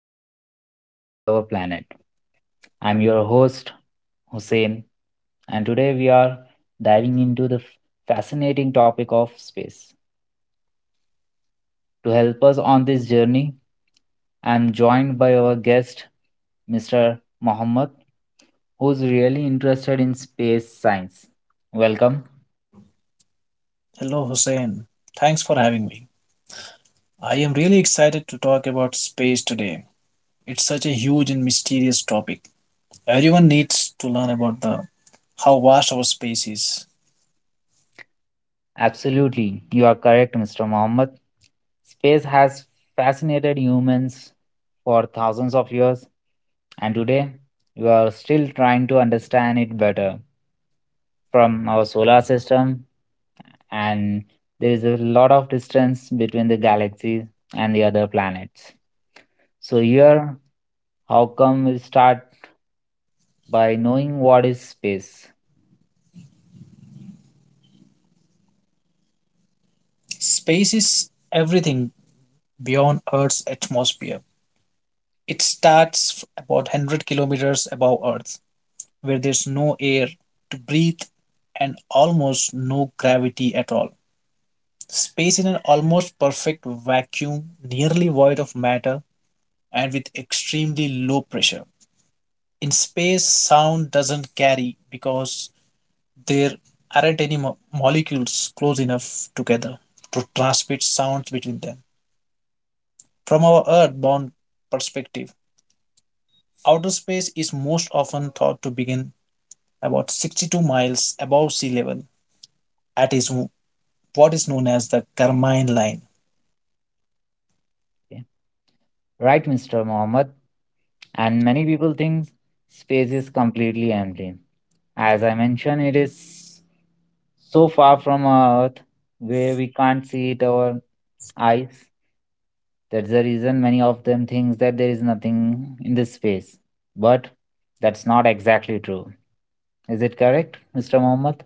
and everything beyond our planet. I'm your host, Hussein, and today we are diving into the fascinating topic of space. To help us on this journey, I'm joined by our guest, Mr. Mohammed, who's really interested in space science. Welcome. Hello, Hussein. Thanks for having me. I am really excited to talk about space today. It's such a huge and mysterious topic. Everyone needs to learn about the how vast our space is. Absolutely, you are correct, Mr. Mohammed. Space has fascinated humans for thousands of years, and today we are still trying to understand it better from our solar system, and there is a lot of distance between the galaxies and the other planets. So, here, how come we start by knowing what is space? Space is everything beyond Earth's atmosphere. It starts about 100 kilometers above Earth, where there's no air to breathe and almost no gravity at all. Space is an almost perfect vacuum, nearly void of matter and with extremely low pressure. In space, sound doesn't carry because there aren't any molecules close enough together to transmit sounds between them. From our Earthbound perspective, outer space is most often thought to begin about 62 miles above sea level at is what is known as the Carmine Line. Okay. Right, Mr. Mohammed? And many people think space is completely empty. As I mentioned, it is so far from our Earth where we can't see it our eyes. That's the reason many of them thinks that there is nothing in this space. But that's not exactly true. Is it correct, Mr. Mohammed?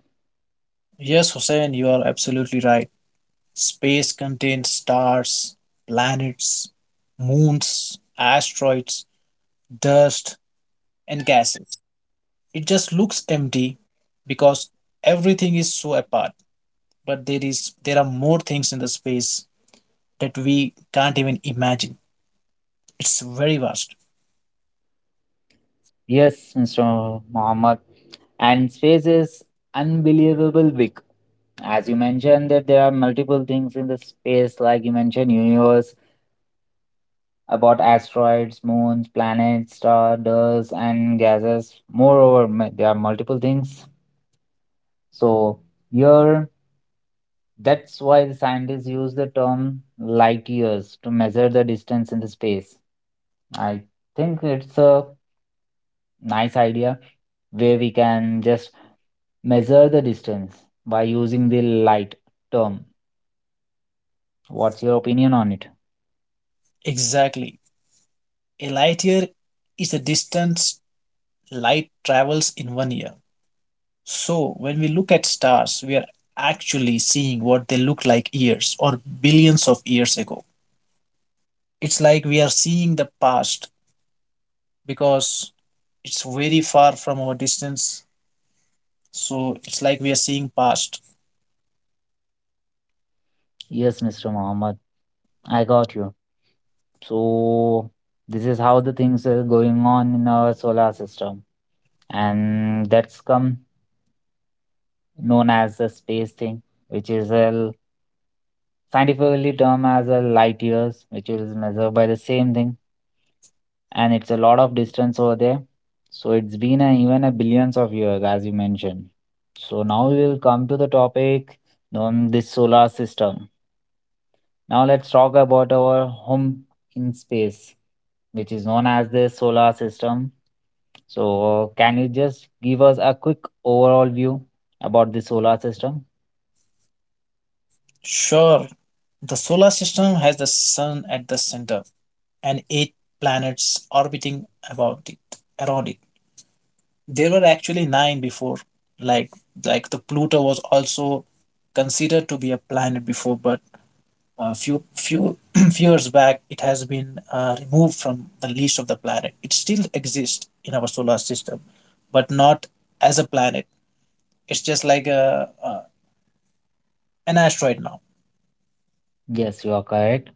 Yes, Hussein, you are absolutely right. Space contains stars, planets, moons, asteroids, dust, and gases. It just looks empty because everything is so apart, but there are more things in the space that we can't even imagine. It's very vast. Yes, Mr. Mohammed. And space is unbelievable big. As you mentioned that there are multiple things in the space, like you mentioned universe, about asteroids, moons, planets, stars, dust, and gases. Moreover, there are multiple things. So here, that's why the scientists use the term light years to measure the distance in the space. I think it's a nice idea where we can just measure the distance by using the light term. What's your opinion on it? Exactly. A light year is the distance light travels in 1 year. So when we look at stars, we are actually seeing what they look like years or billions of years ago. It's like we are seeing the past because it's very far from our distance. So it's like we are seeing past. Yes, Mr. Mohammed. I got you. So this is how the things are going on in our solar system, and that's come known as the space thing, which is a scientifically termed as a light years, which is measured by the same thing, and it's a lot of distance over there. So it's been a, even a billions of years, as you mentioned. So now we will come to the topic known this solar system. Now let's talk about our home in space, which is known as the solar system. So, can you just give us a quick overall view about the solar system? Sure, the solar system has the sun at the center and eight planets orbiting about it around it. There were actually nine before, like like the Pluto was also considered to be a planet before, but a few few years back it has been removed from the list of the planet. It still exists in our solar system, but not as a planet. It's just like a an asteroid now. Yes, you are correct.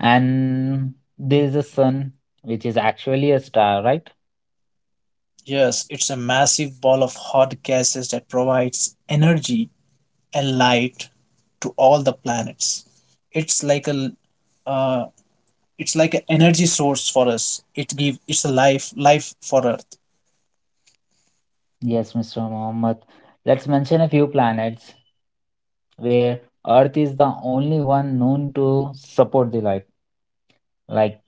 And there is a sun, which is actually a star, right? Yes, it's a massive ball of hot gases that provides energy and light to all the planets. It's like a uh, it's like an energy source for us. It give it's a life for Earth. Yes, Mr. Mohammed. Let's mention a few planets where Earth is the only one known to support the life. like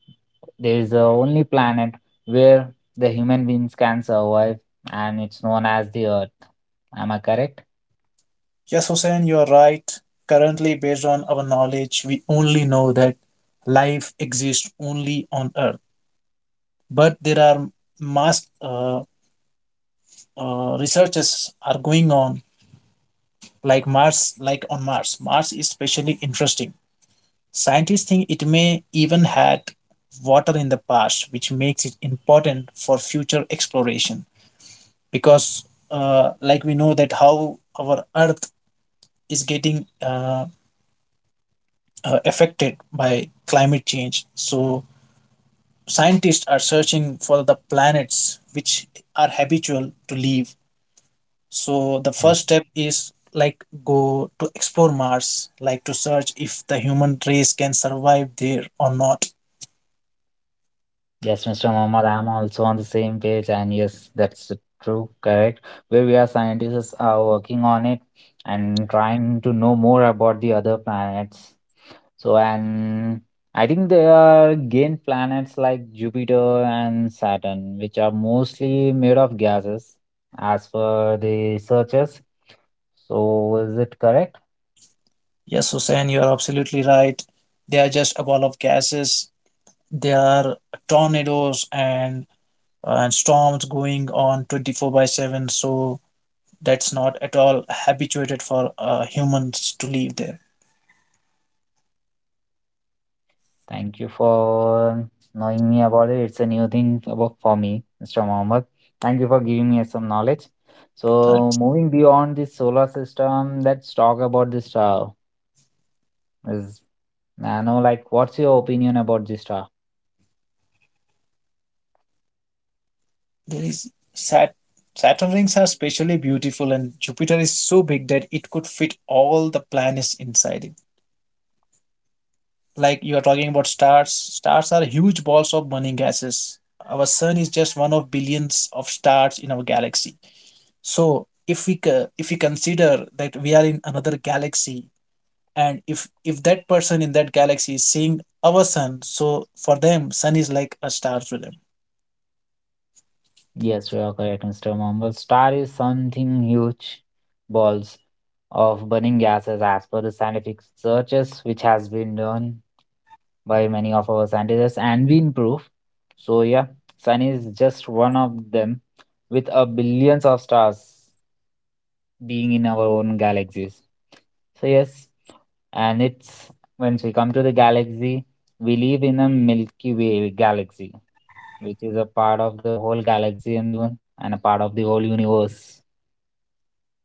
There is the only planet where the human beings can survive, and it's known as the Earth. Am I correct? Yes, Hussein, you are right. Currently, based on our knowledge, we only know that life exists only on Earth. But there are mass researches are going on, like Mars, like on Mars. Mars is especially interesting. Scientists think it may even had water in the past, which makes it important for future exploration. Because, like we know that how our Earth is getting affected by climate change, so scientists are searching for the planets which are habitual to live. So the Yes. first step is like go to explore Mars, like to search if the human race can survive there or not. Yes, Mr. Mohammed, I'm also on the same page, and yes, that's the true, correct. Where we are Scientists are working on it and trying to know more about the other planets. So, and I think there are gain planets like Jupiter and Saturn, which are mostly made of gases, as per the searches. So, is it correct? Yes, Hussein, you are absolutely right. They are just a ball of gases. There are tornadoes and storms going on 24 by 7. So that's not at all habituated for humans to live there. Thank you for knowing me about it. It's a new thing about for me, Mr. Mohammed. Thank you for giving me some knowledge. So, Thanks. moving beyond the solar system, let's talk about the star. Is I know, like, what's your opinion about this star? There is Saturn rings are especially beautiful, and Jupiter is so big that it could fit all the planets inside it. Like you are talking about stars, stars are huge balls of burning gases. Our sun is just one of billions of stars in our galaxy. So if we consider that we are in another galaxy, and if that person in that galaxy is seeing our sun, so for them sun is like a star to them. Yes, you are correct, Mr. Mumble. Star is something huge balls of burning gases as per the scientific searches which has been done by many of our scientists and been proved. So yeah, Sun is just one of them with a billions of stars being in our own galaxies. So yes, and it's once we come to the galaxy, we live in a Milky Way galaxy which is a part of the whole galaxy and a part of the whole universe.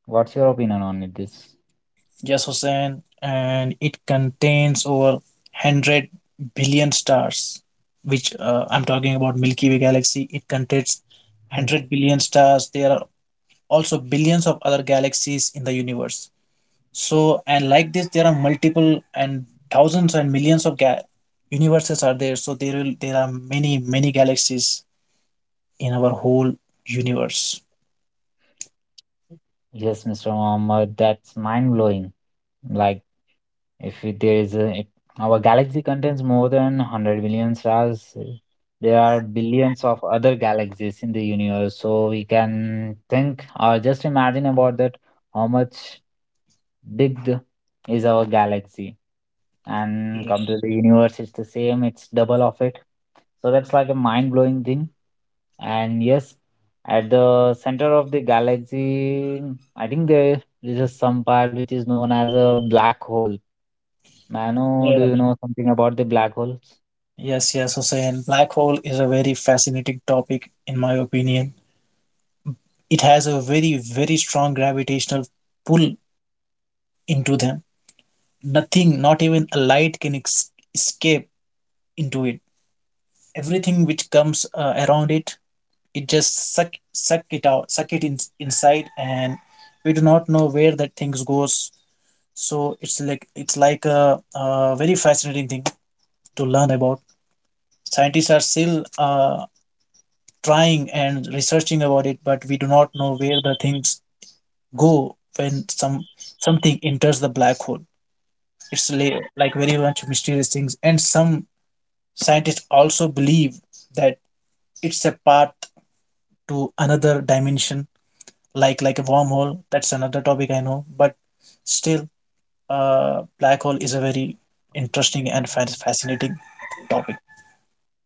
What's your opinion on it? This Yes, Hussein, and it contains over 100 billion stars, which, I'm talking about Milky Way galaxy, it contains Mm. 100 billion stars. There are also billions of other galaxies in the universe. So and like this there are multiple and thousands and millions of universes are there. So there are many galaxies in our whole universe. Yes, Mr. Mohammed, that's mind blowing. Like if it- there is a if our galaxy contains more than 100 billion stars, there are billions of other galaxies in the universe, so we can think or just imagine about that how much big is our galaxy. And come to Yes. the universe, it's the same, it's double of it. So that's like a mind-blowing thing. And yes, at the center of the galaxy, I think there is some part which is known as a black hole. Mano, do Yeah. you know something about the black holes? Yes Hussein, black hole is a very fascinating topic in my opinion. It has a very strong gravitational pull into them. Nothing, not even a light, can escape into it. Everything which comes around it, it just suck it in, inside, and we do not know where that things goes. So it's like a very fascinating thing to learn about. Scientists are still trying and researching about it, but we do not know where the things go when something enters the black hole. It's like very much mysterious things, and some scientists also believe that it's a path to another dimension, like a wormhole. That's another topic I know, but still, black hole is a very interesting and fascinating topic.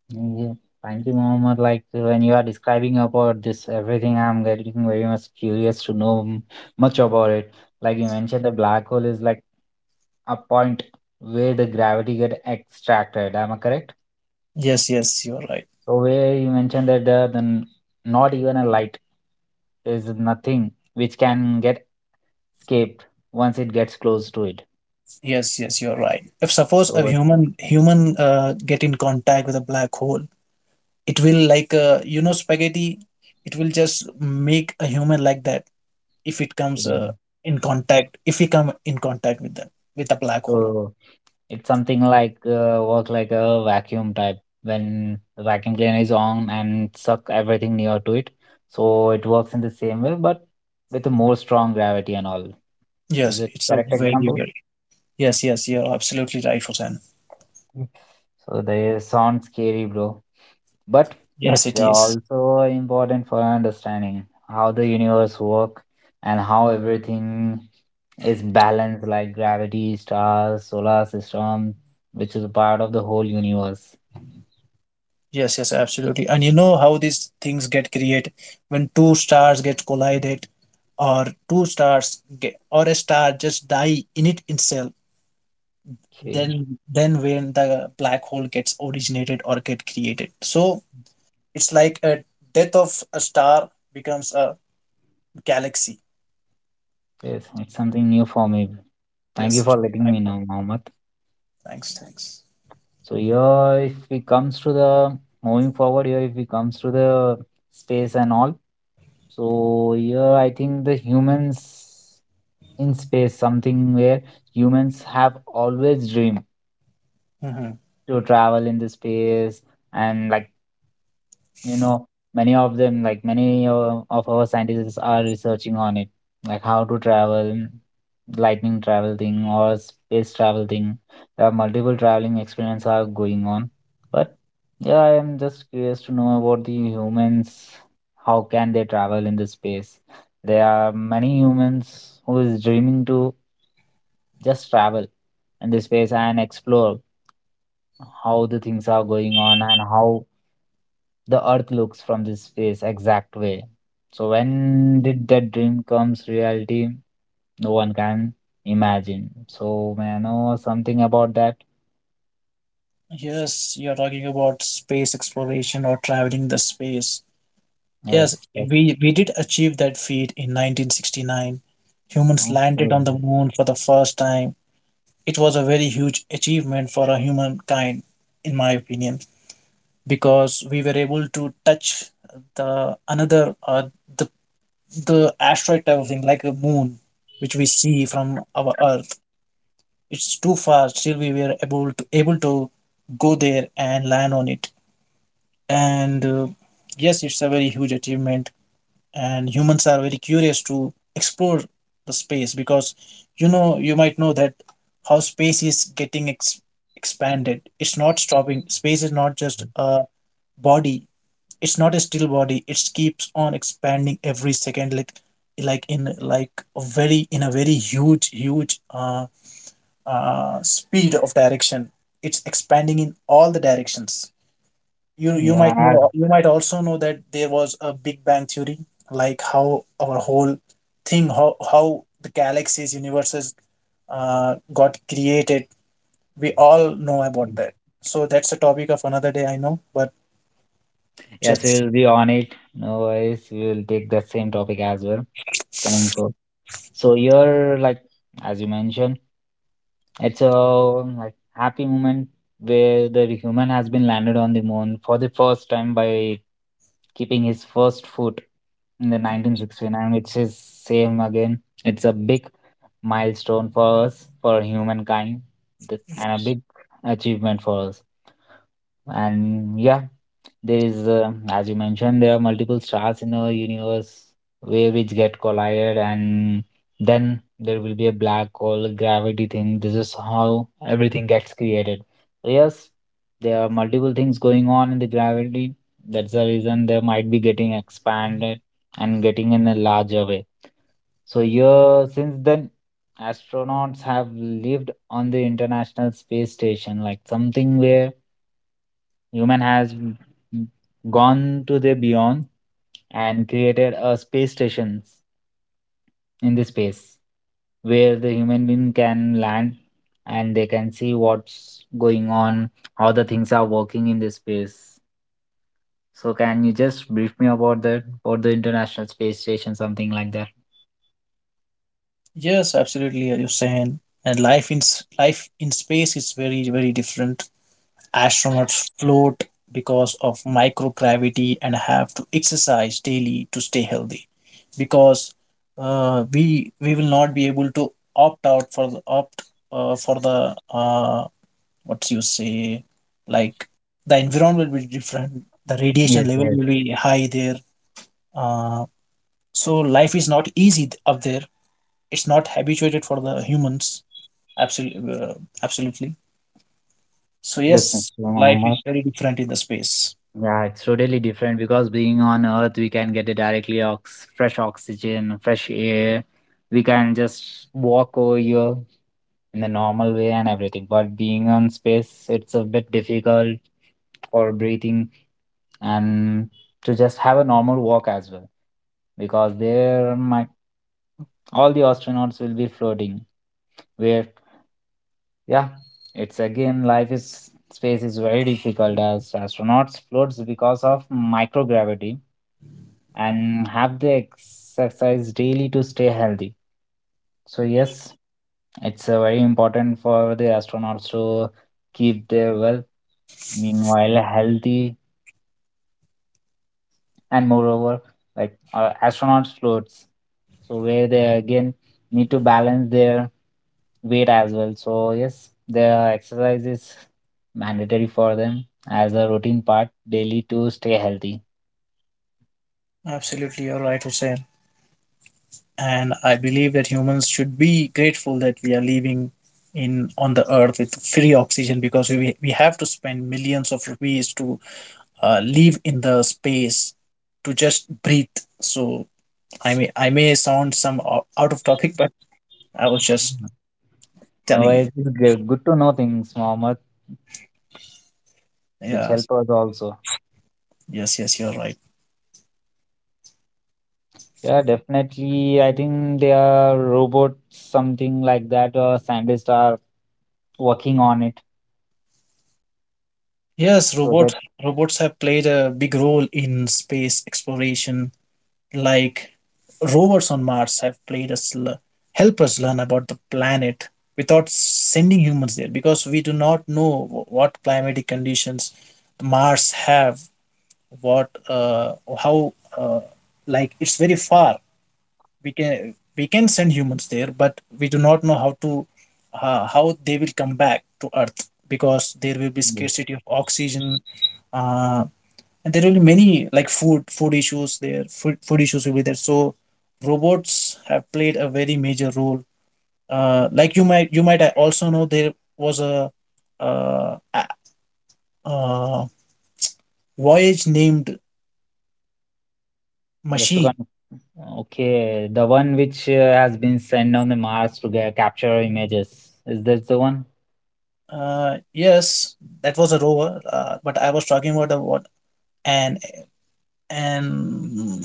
Yeah. Thank you, Mohammed. Like when you are describing about this everything, I'm getting very much curious to know much about it. Like you mentioned, the black hole is like a point where the gravity get extracted. Am I correct? Yes you're right. So where you mentioned that the not even a light, there's nothing which can get escaped once it gets close to it. Yes you're right. If suppose a So human get in contact with a black hole, it will like, you know, spaghetti, it will just make a human like that if it comes, in contact, if we come in contact with them, with a black hole. So it's something like work like a vacuum type when the vacuum cleaner is on and suck everything near to it. So it works in the same way, but with a more strong gravity and all. Is Yes, it it's a correct very example? very yes, yes, you're absolutely right, Hussein. Mm. So they sound scary, bro. But Yes, it they are is. also important for understanding how the universe work and how everything is balanced, like gravity, stars, solar system, which is a part of the whole universe. Yes, yes, absolutely. And you know how these things get created when two stars get collided, or two stars get, or a star just die in it itself. Okay, Then when the black hole gets originated or get created, so it's like a death of a star becomes a galaxy. yes, it's something new for me. Thank you Yes, it's for a letting black me hole. know, Mohammed. Thanks, thanks. So here, if we comes to the moving forward here, if we comes to the space and all, so here I think the humans in space, something where humans have always dreamed Hmm. to travel in the space. And like, you know, many of them, like many of our scientists are researching on it, like how to travel, lightning travel thing or space travel thing. There are multiple traveling experiments are going on. But yeah, I am just curious to know about the humans, how can they travel in the space. There are many humans who is dreaming to just travel in the space and explore how the things are going on and how the earth looks from this space exact way. So when did that dream comes reality, no one can imagine. So may I know something about that? Yes, you're talking about space exploration or traveling the space. Yes, Yes we did achieve that feat in 1969. Humans landed okay. on the moon for the first time. It was a very huge achievement for a humankind, in my opinion, because we were able to touch the another the the asteroid type of thing, like a moon, which we see from our Earth. It's too far. Still, we were able to go there and land on it. And yes, it's a very huge achievement, and humans are very curious to explore the space because you know you might know that how space is getting expanded. It's not stopping. Space is not just a body, it's not a still body, it keeps on expanding every second, like in like a very, in a very huge speed of direction. It's expanding in all the directions. You might Yeah. know, you might also know that there was a Big Bang theory, like how our whole thing, how the galaxies, universes, got created. We all know about as- that. So that's a topic of another day, I know. But yes, just, we'll be on it. No worries, we'll take that same topic as well. Coming forward, so you're like, as you mentioned, it's a like happy moment where the human has been landed on the moon for the first time by keeping his first foot in the 1969, which is same again. It's a big milestone for us, for humankind, and a big achievement for us. And yeah, there is, as you mentioned, there are multiple stars in the universe where which get collided, and then there will be a black hole, gravity thing. This is how everything gets created. So yes, there are multiple things going on in the gravity. That's the reason they might be getting expanded and getting in a larger way. So yeah, since then, astronauts have lived on the International Space Station, like something where human has gone to the beyond and created a space station in the space where the human being can land and they can see what's going on, how the things are working in this space. So can you just brief me about that, about the International Space Station, something like that? yes, absolutely, you're saying. And life in space is very different. Astronauts float because of microgravity and have to exercise daily to stay healthy because, we will not be able to opt out for the opt, for the, what you say, like the environment will be different, the Yes, radiation level yes, will be high there, uh, so life is not easy up there. It's not habituated for the humans, absolutely, absolutely. So yes, yes, Mr. life Mohammed. is very different in the space. Yeah, it's totally different because being on Earth, we can get a directly ox fresh oxygen, fresh air. We can just walk over here in the normal way and everything. But being on space, it's a bit difficult for breathing and to just have a normal walk as well because there might all the astronauts will be floating. Where yeah, it's again life is space is very difficult as astronauts floats because of microgravity and have the exercise daily to stay healthy. So yes, it's very important for the astronauts to keep their well, meanwhile healthy, and moreover, like astronauts floats, so where they again need to balance their weight as well. So yes, their exercise is mandatory for them as a routine part daily to stay healthy. Absolutely, you're right, Hussein. And I believe that humans should be grateful that we are living in on the earth with free oxygen, because we have to spend millions of rupees to, live in the space, to just breathe. So I may, I may sound some out of topic, but I was just No, telling you. it's good to know things, Mohammed, which Yeah, help us also. yes, yes, you're right. Yeah, definitely. I think they are robots, something like that, or scientists are working on it. Yes, So that. robots. Robots have played a big role in space exploration, like rovers on Mars have played us help us learn about the planet without sending humans there, because we do not know what climatic conditions Mars have, what, how like it's very far. We can send humans there, but we do not know how to, how they will come back to earth, because there will be Mm. scarcity of oxygen, uh, and there will be many like food issues there, food issues will be there. So robots have played a very major role, like you might also know there was a, uh, a- uh, voyage named Just to machine. kind, okay, the one which has been sent on the Mars to get, capture images. Is this the one? Yes, that was a rover, but I was talking about a, what an an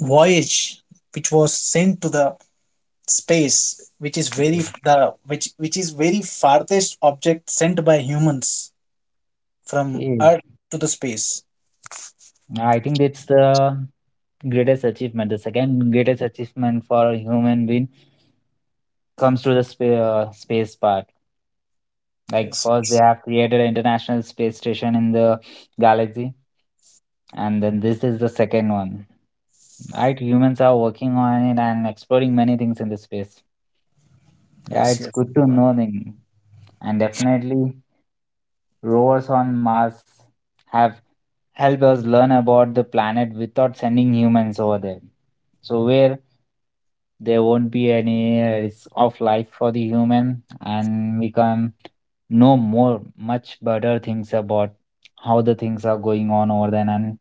voyage which was sent to the space, which is very Okay. the which is very farthest object sent by humans from Okay. Earth to the space. I think it's the greatest achievement. The second greatest achievement for a human being comes to the space part. Like Yes, first, they yes, have created an international space station in the galaxy, and then this is the second one. Right, humans are working on it and exploring many things in this space. Yeah, yes, it's yes. good to Baba. know thing. And definitely, rovers on Mars have helped us learn about the planet without sending humans over there. So, where there won't be any risk of life for the human, and we can know more, much better things about how the things are going on over there. And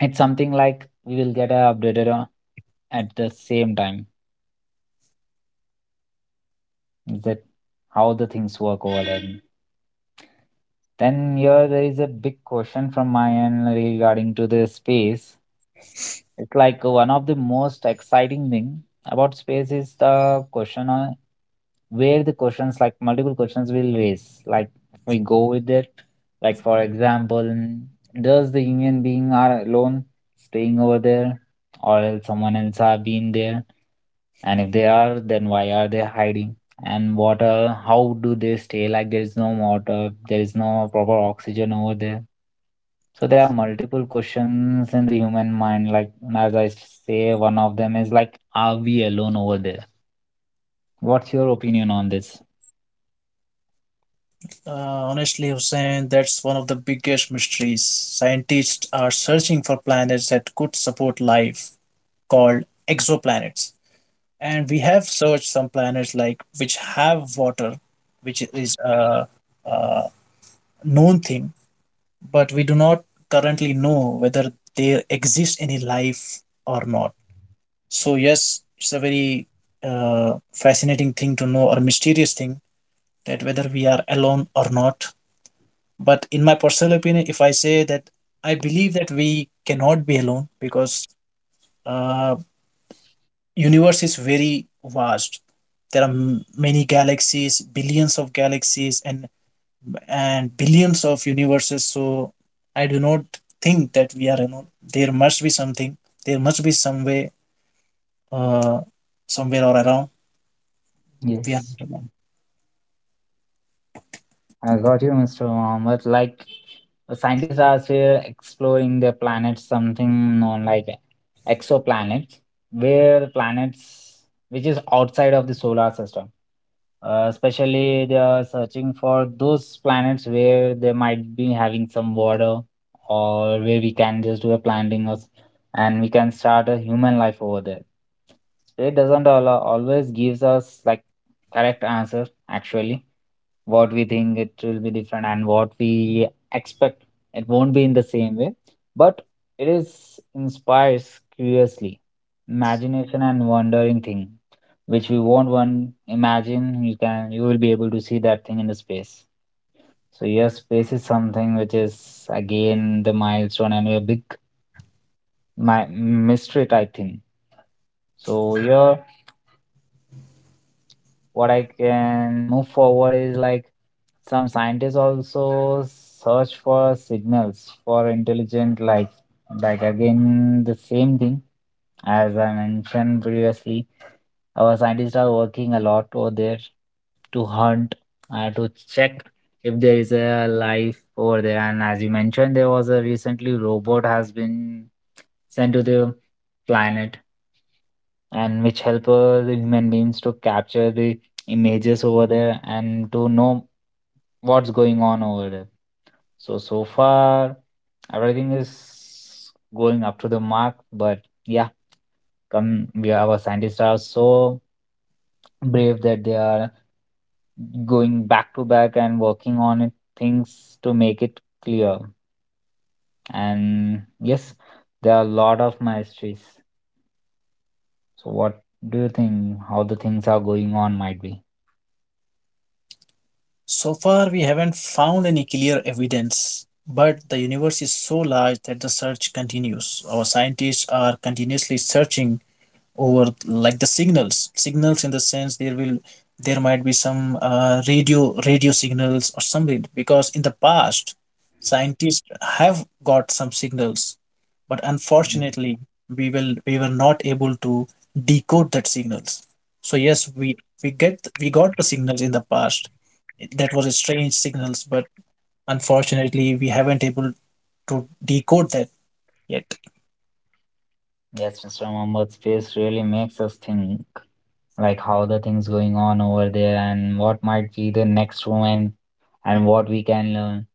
it's something like we will get updated at the same time, that how the things work over there. Then here there is a big question from my end regarding to the space. It's like one of the most exciting thing about space is the question on where the questions like multiple questions will raise. Like we go with it. Like for example, does the human being are alone staying over there, or else someone else are being there? And if they are, then why are they hiding? And water, how do they stay? Like there is no water, there is no proper oxygen over there. So there are multiple questions in the human mind, like as I say, one of them is like, are we alone over there? What's your opinion on this? Honestly, Hussein, that's one of the biggest mysteries. Scientists are searching for planets that could support life, called exoplanets. And we have searched some planets like which have water, which is a known thing, but we do not currently know whether there exists any life or not. So yes, it's a very, fascinating thing to know or mysterious thing, that whether we are alone or not. But in my personal opinion, if I say that I believe that we cannot be alone because, uh, universe is very vast. There are many galaxies, billions of galaxies, and billions of universes. So I do not think that we are alone. There must be something. There must be some way, uh, somewhere or around, we are Yes, not alone. I got you, Mr. Muhammad. Like, scientists are still exploring the planets, something known like exoplanets, where planets which is outside of the solar system. Especially, they are searching for those planets where they might be having some water, or where we can just do a planting us and we can start a human life over there. Space doesn't always gives us like correct answer actually. What we think it will be different, and what we expect, it won't be in the same way, but it is inspires curiously, imagination and wondering thing which we won't one imagine. You can, you will be able to see that thing in the space. So yes, space is something which is again the milestone and a big my mystery type thing. So here what I can move forward is like, some scientists also search for signals for intelligent life. Like again, the same thing as I mentioned previously. Our scientists are working a lot over there to hunt and to check if there is a life over there. And as you mentioned, there was a recently robot has been sent to the planet, and which help the human beings to capture the images over there and to know what's going on over there. So so far everything is going up to the mark, but yeah, come we our scientists are so brave that they are going back to back and working on it things to make it clear. And yes, there are a lot of mysteries. So what do you think how the things are going on might be? So far, we haven't found any clear evidence, but the universe is so large that the search continues. Our scientists are continuously searching over like the signals, signals in the sense there will, there might be some, radio signals or something, because in the past scientists have got some signals, but unfortunately we were not able to decode that signals. So yes, we got the signals in the past. That was a strange signals, but unfortunately we haven't able to decode that yet. Yes, Mr. Mohammed, space really makes us think like how the things going on over there and what might be the next moment and what we can learn.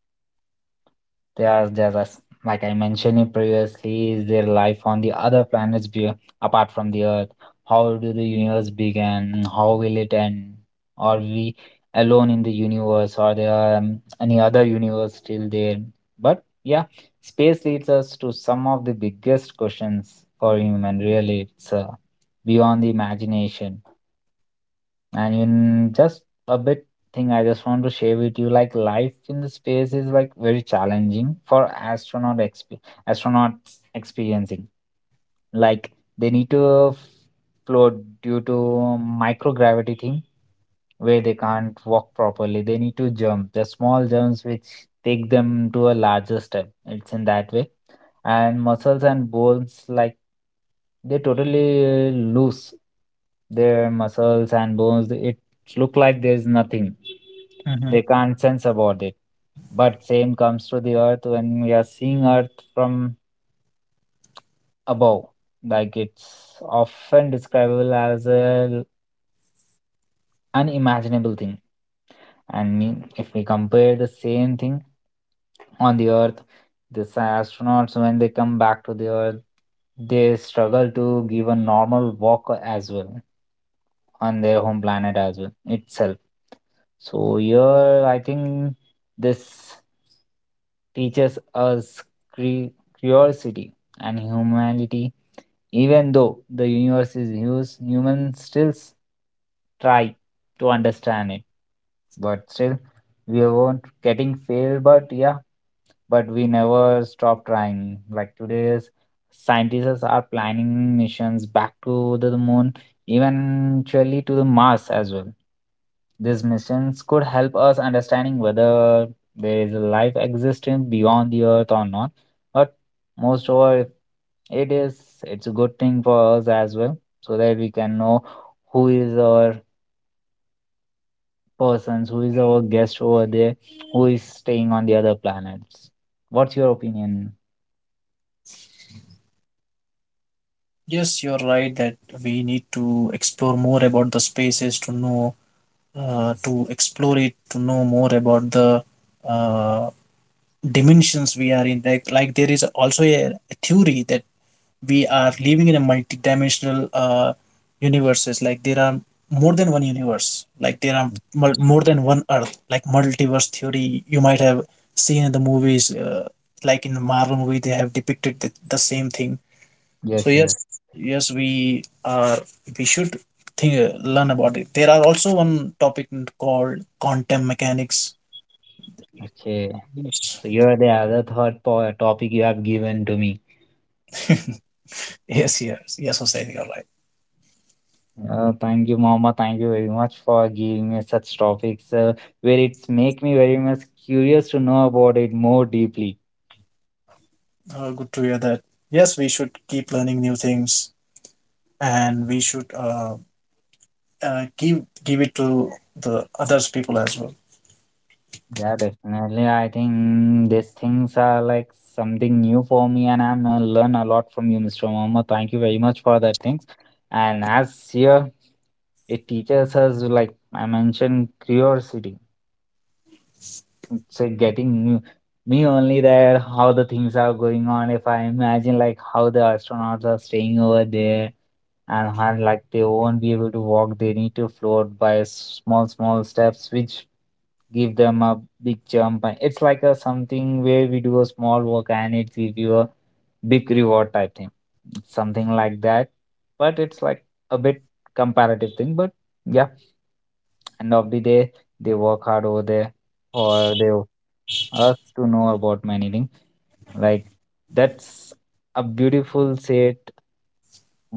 There's as like I mentioned it previously, is there life on the other planets be, apart from the Earth? How do the universe begin? How will it end? Are we alone in the universe? Are there any other universe still there? But yeah, space leads us to some of the biggest questions for human. Really, it's beyond the imagination. And in just a bit thing I just want to share with you, like life in the space is like very challenging for astronaut astronauts experiencing. Like they need to float due to microgravity thing where they can't walk properly. They need to jump. The small jumps which take them to a larger step. It's in that way. And muscles and bones, like they totally loose their muscles and bones. It look like there's nothing. Hmm. They can't sense about it. But same comes to the earth when we are seeing earth from above. Like it's often describable as a unimaginable thing. And mean, if we compare the same thing on the Earth, these astronauts, when they come back to the Earth, they struggle to give a normal walk as well on their home planet as well itself. So here, I think this teaches us cre- curiosity and humanity. Even though the universe is huge, humans still try to understand it. But still, we weren't getting failed. But yeah, but we never stopped trying. Like today's scientists are planning missions back to the moon, eventually to the Mars as well. These missions could help us understanding whether there is a life existence beyond the Earth or not. But most of all, it is it's a good thing for us as well, so that we can know who is our persons, who is our guest over there, who is staying on the other planets. What's your opinion? Yes, you're right, that we need to explore more about the spaces to know, to explore it, to know more about the, uh, dimensions we are in. Like there is also a theory that we are living in a multidimensional, universes, like there are more than one universe, like there are more than one earth, like multiverse theory you might have seen in the movies, like in the Marvel movie they have depicted the same thing. So Yes, yes, yes. yes, we are, we should think, learn about it. There are also one topic called quantum mechanics. Okay. yes So you're the other third topic you have given to me. yes yes yes Hussein, you're right. Thank you, Mama. Thank you very much for giving me such topics where it's make me very much curious to know about it more deeply. Uh, good to hear that. Yes, we should keep learning new things, and we should, give it to the others people as well. Yeah, definitely. I think these things are like something new for me, and I'm gonna learn a lot from you, Mr. Mohammed. Thank you very much for that things. And as here, it teaches us, like I mentioned, curiosity. So getting me only there how the things are going on. If I imagine like how the astronauts are staying over there, and how like they won't be able to walk, they need to float by small small steps, which give them a big jump. And it's like a something where we do a small work and it gives you a big reward type thing, something like that. But it's like a bit comparative thing, but yeah, end of the day they work hard over there, or they ask to know about many things, like that's a beautiful said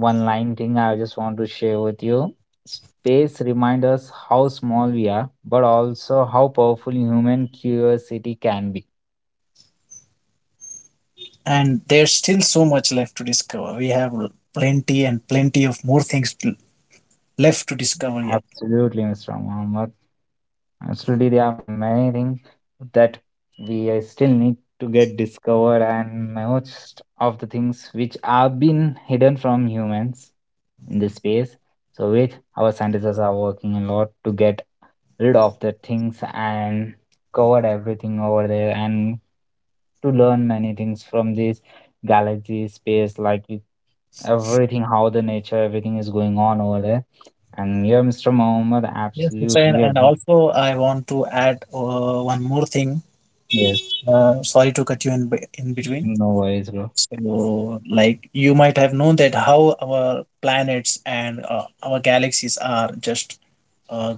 one line thing I just want to share with you: space reminds us how small we are but also how powerful human curiosity can be. And there's still so much left to discover. We have plenty and plenty of more things left to discover yet. Absolutely, Mr. Muhammad, absolutely. There are many things that we still need to get discovered, and most of the things which have been hidden from humans in this space, so which our scientists are working a lot to get rid of the things and covered everything over there, and to learn many things from this galaxy space, like everything, how the nature everything is going on over there. And yeah, Mr. Mohammed, Yes, Hussain, absolutely and also I want to add, one more thing, yes. Sorry to cut you in, in between. No worries, bro. So like you might have known that how our planets and, our galaxies are just, uh,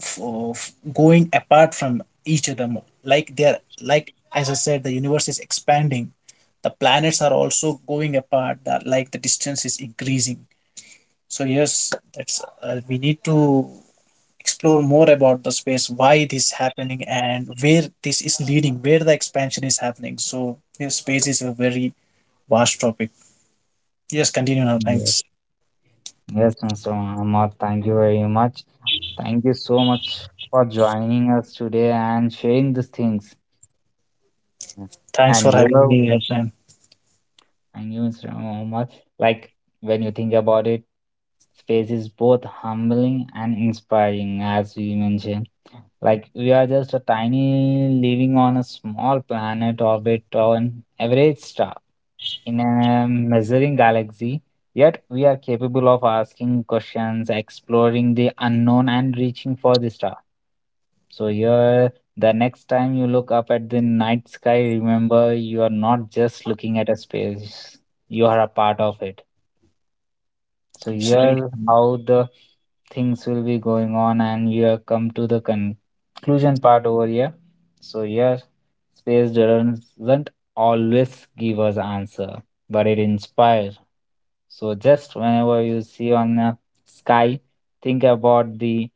f- going apart from each other more. Like they're like, as I said, the universe is expanding, the planets are also going apart, that like the distance is increasing. So yes, that's, we need to explore more about the space, why it is happening and where this is leading, where the expansion is happening. So yes, space is a very vast topic. Yes, continue now, Yes, thanks. yes, Mr. Mohammed, thank you very much. Thank you so much for joining us today and sharing these things. Thanks for And yeah, having me here, Sam. thank you, Mr. Muhammad. Like when you think about it, space is both humbling and inspiring, as we mentioned. Like we are just a tiny living on a small planet orbit or an average star in a measuring galaxy. Yet we are capable of asking questions, exploring the unknown, and reaching for the stars. So here, the next time you look up at the night sky, remember you are not just looking at a space; you are a part of it. So Absolutely. here's how the things will be going on, and we have come to the conclusion part over here. So here, space doesn't always give us answer, but it inspires. So just whenever you see on the sky, think about the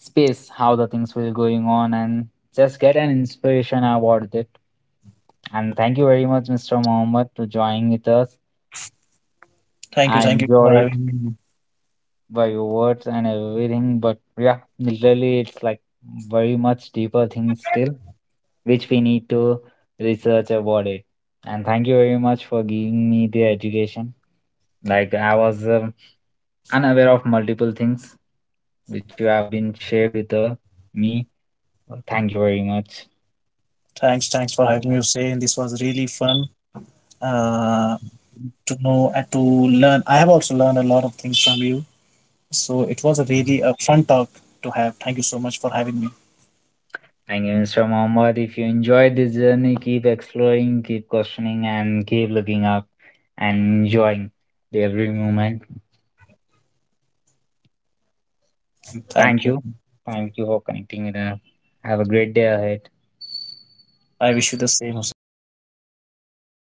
space, how the things were going on, and just get an inspiration about it. And thank you very much, Mr. Mohammed, to joining with us. Thank you, I thank you for enjoyed having me. by your words and everything, but yeah, literally, it's like very much deeper things still, which we need to research about it. And thank you very much for giving me the education. Like I was unaware of multiple things which you have been shared with me. Thank you very much. Thanks, thanks for having me, Hussein. This was really fun, uh, to know and to learn. I have also learned a lot of things from you. So it was a really a fun talk to have. Thank you so much for having me. Thank you, Mr. Mohammed. If you enjoyed this journey, keep exploring, keep questioning, and keep looking up and enjoying the every moment. Thank Thank you. you. Thank you for connecting with us. Have a great day ahead. I wish you the same, Hussein.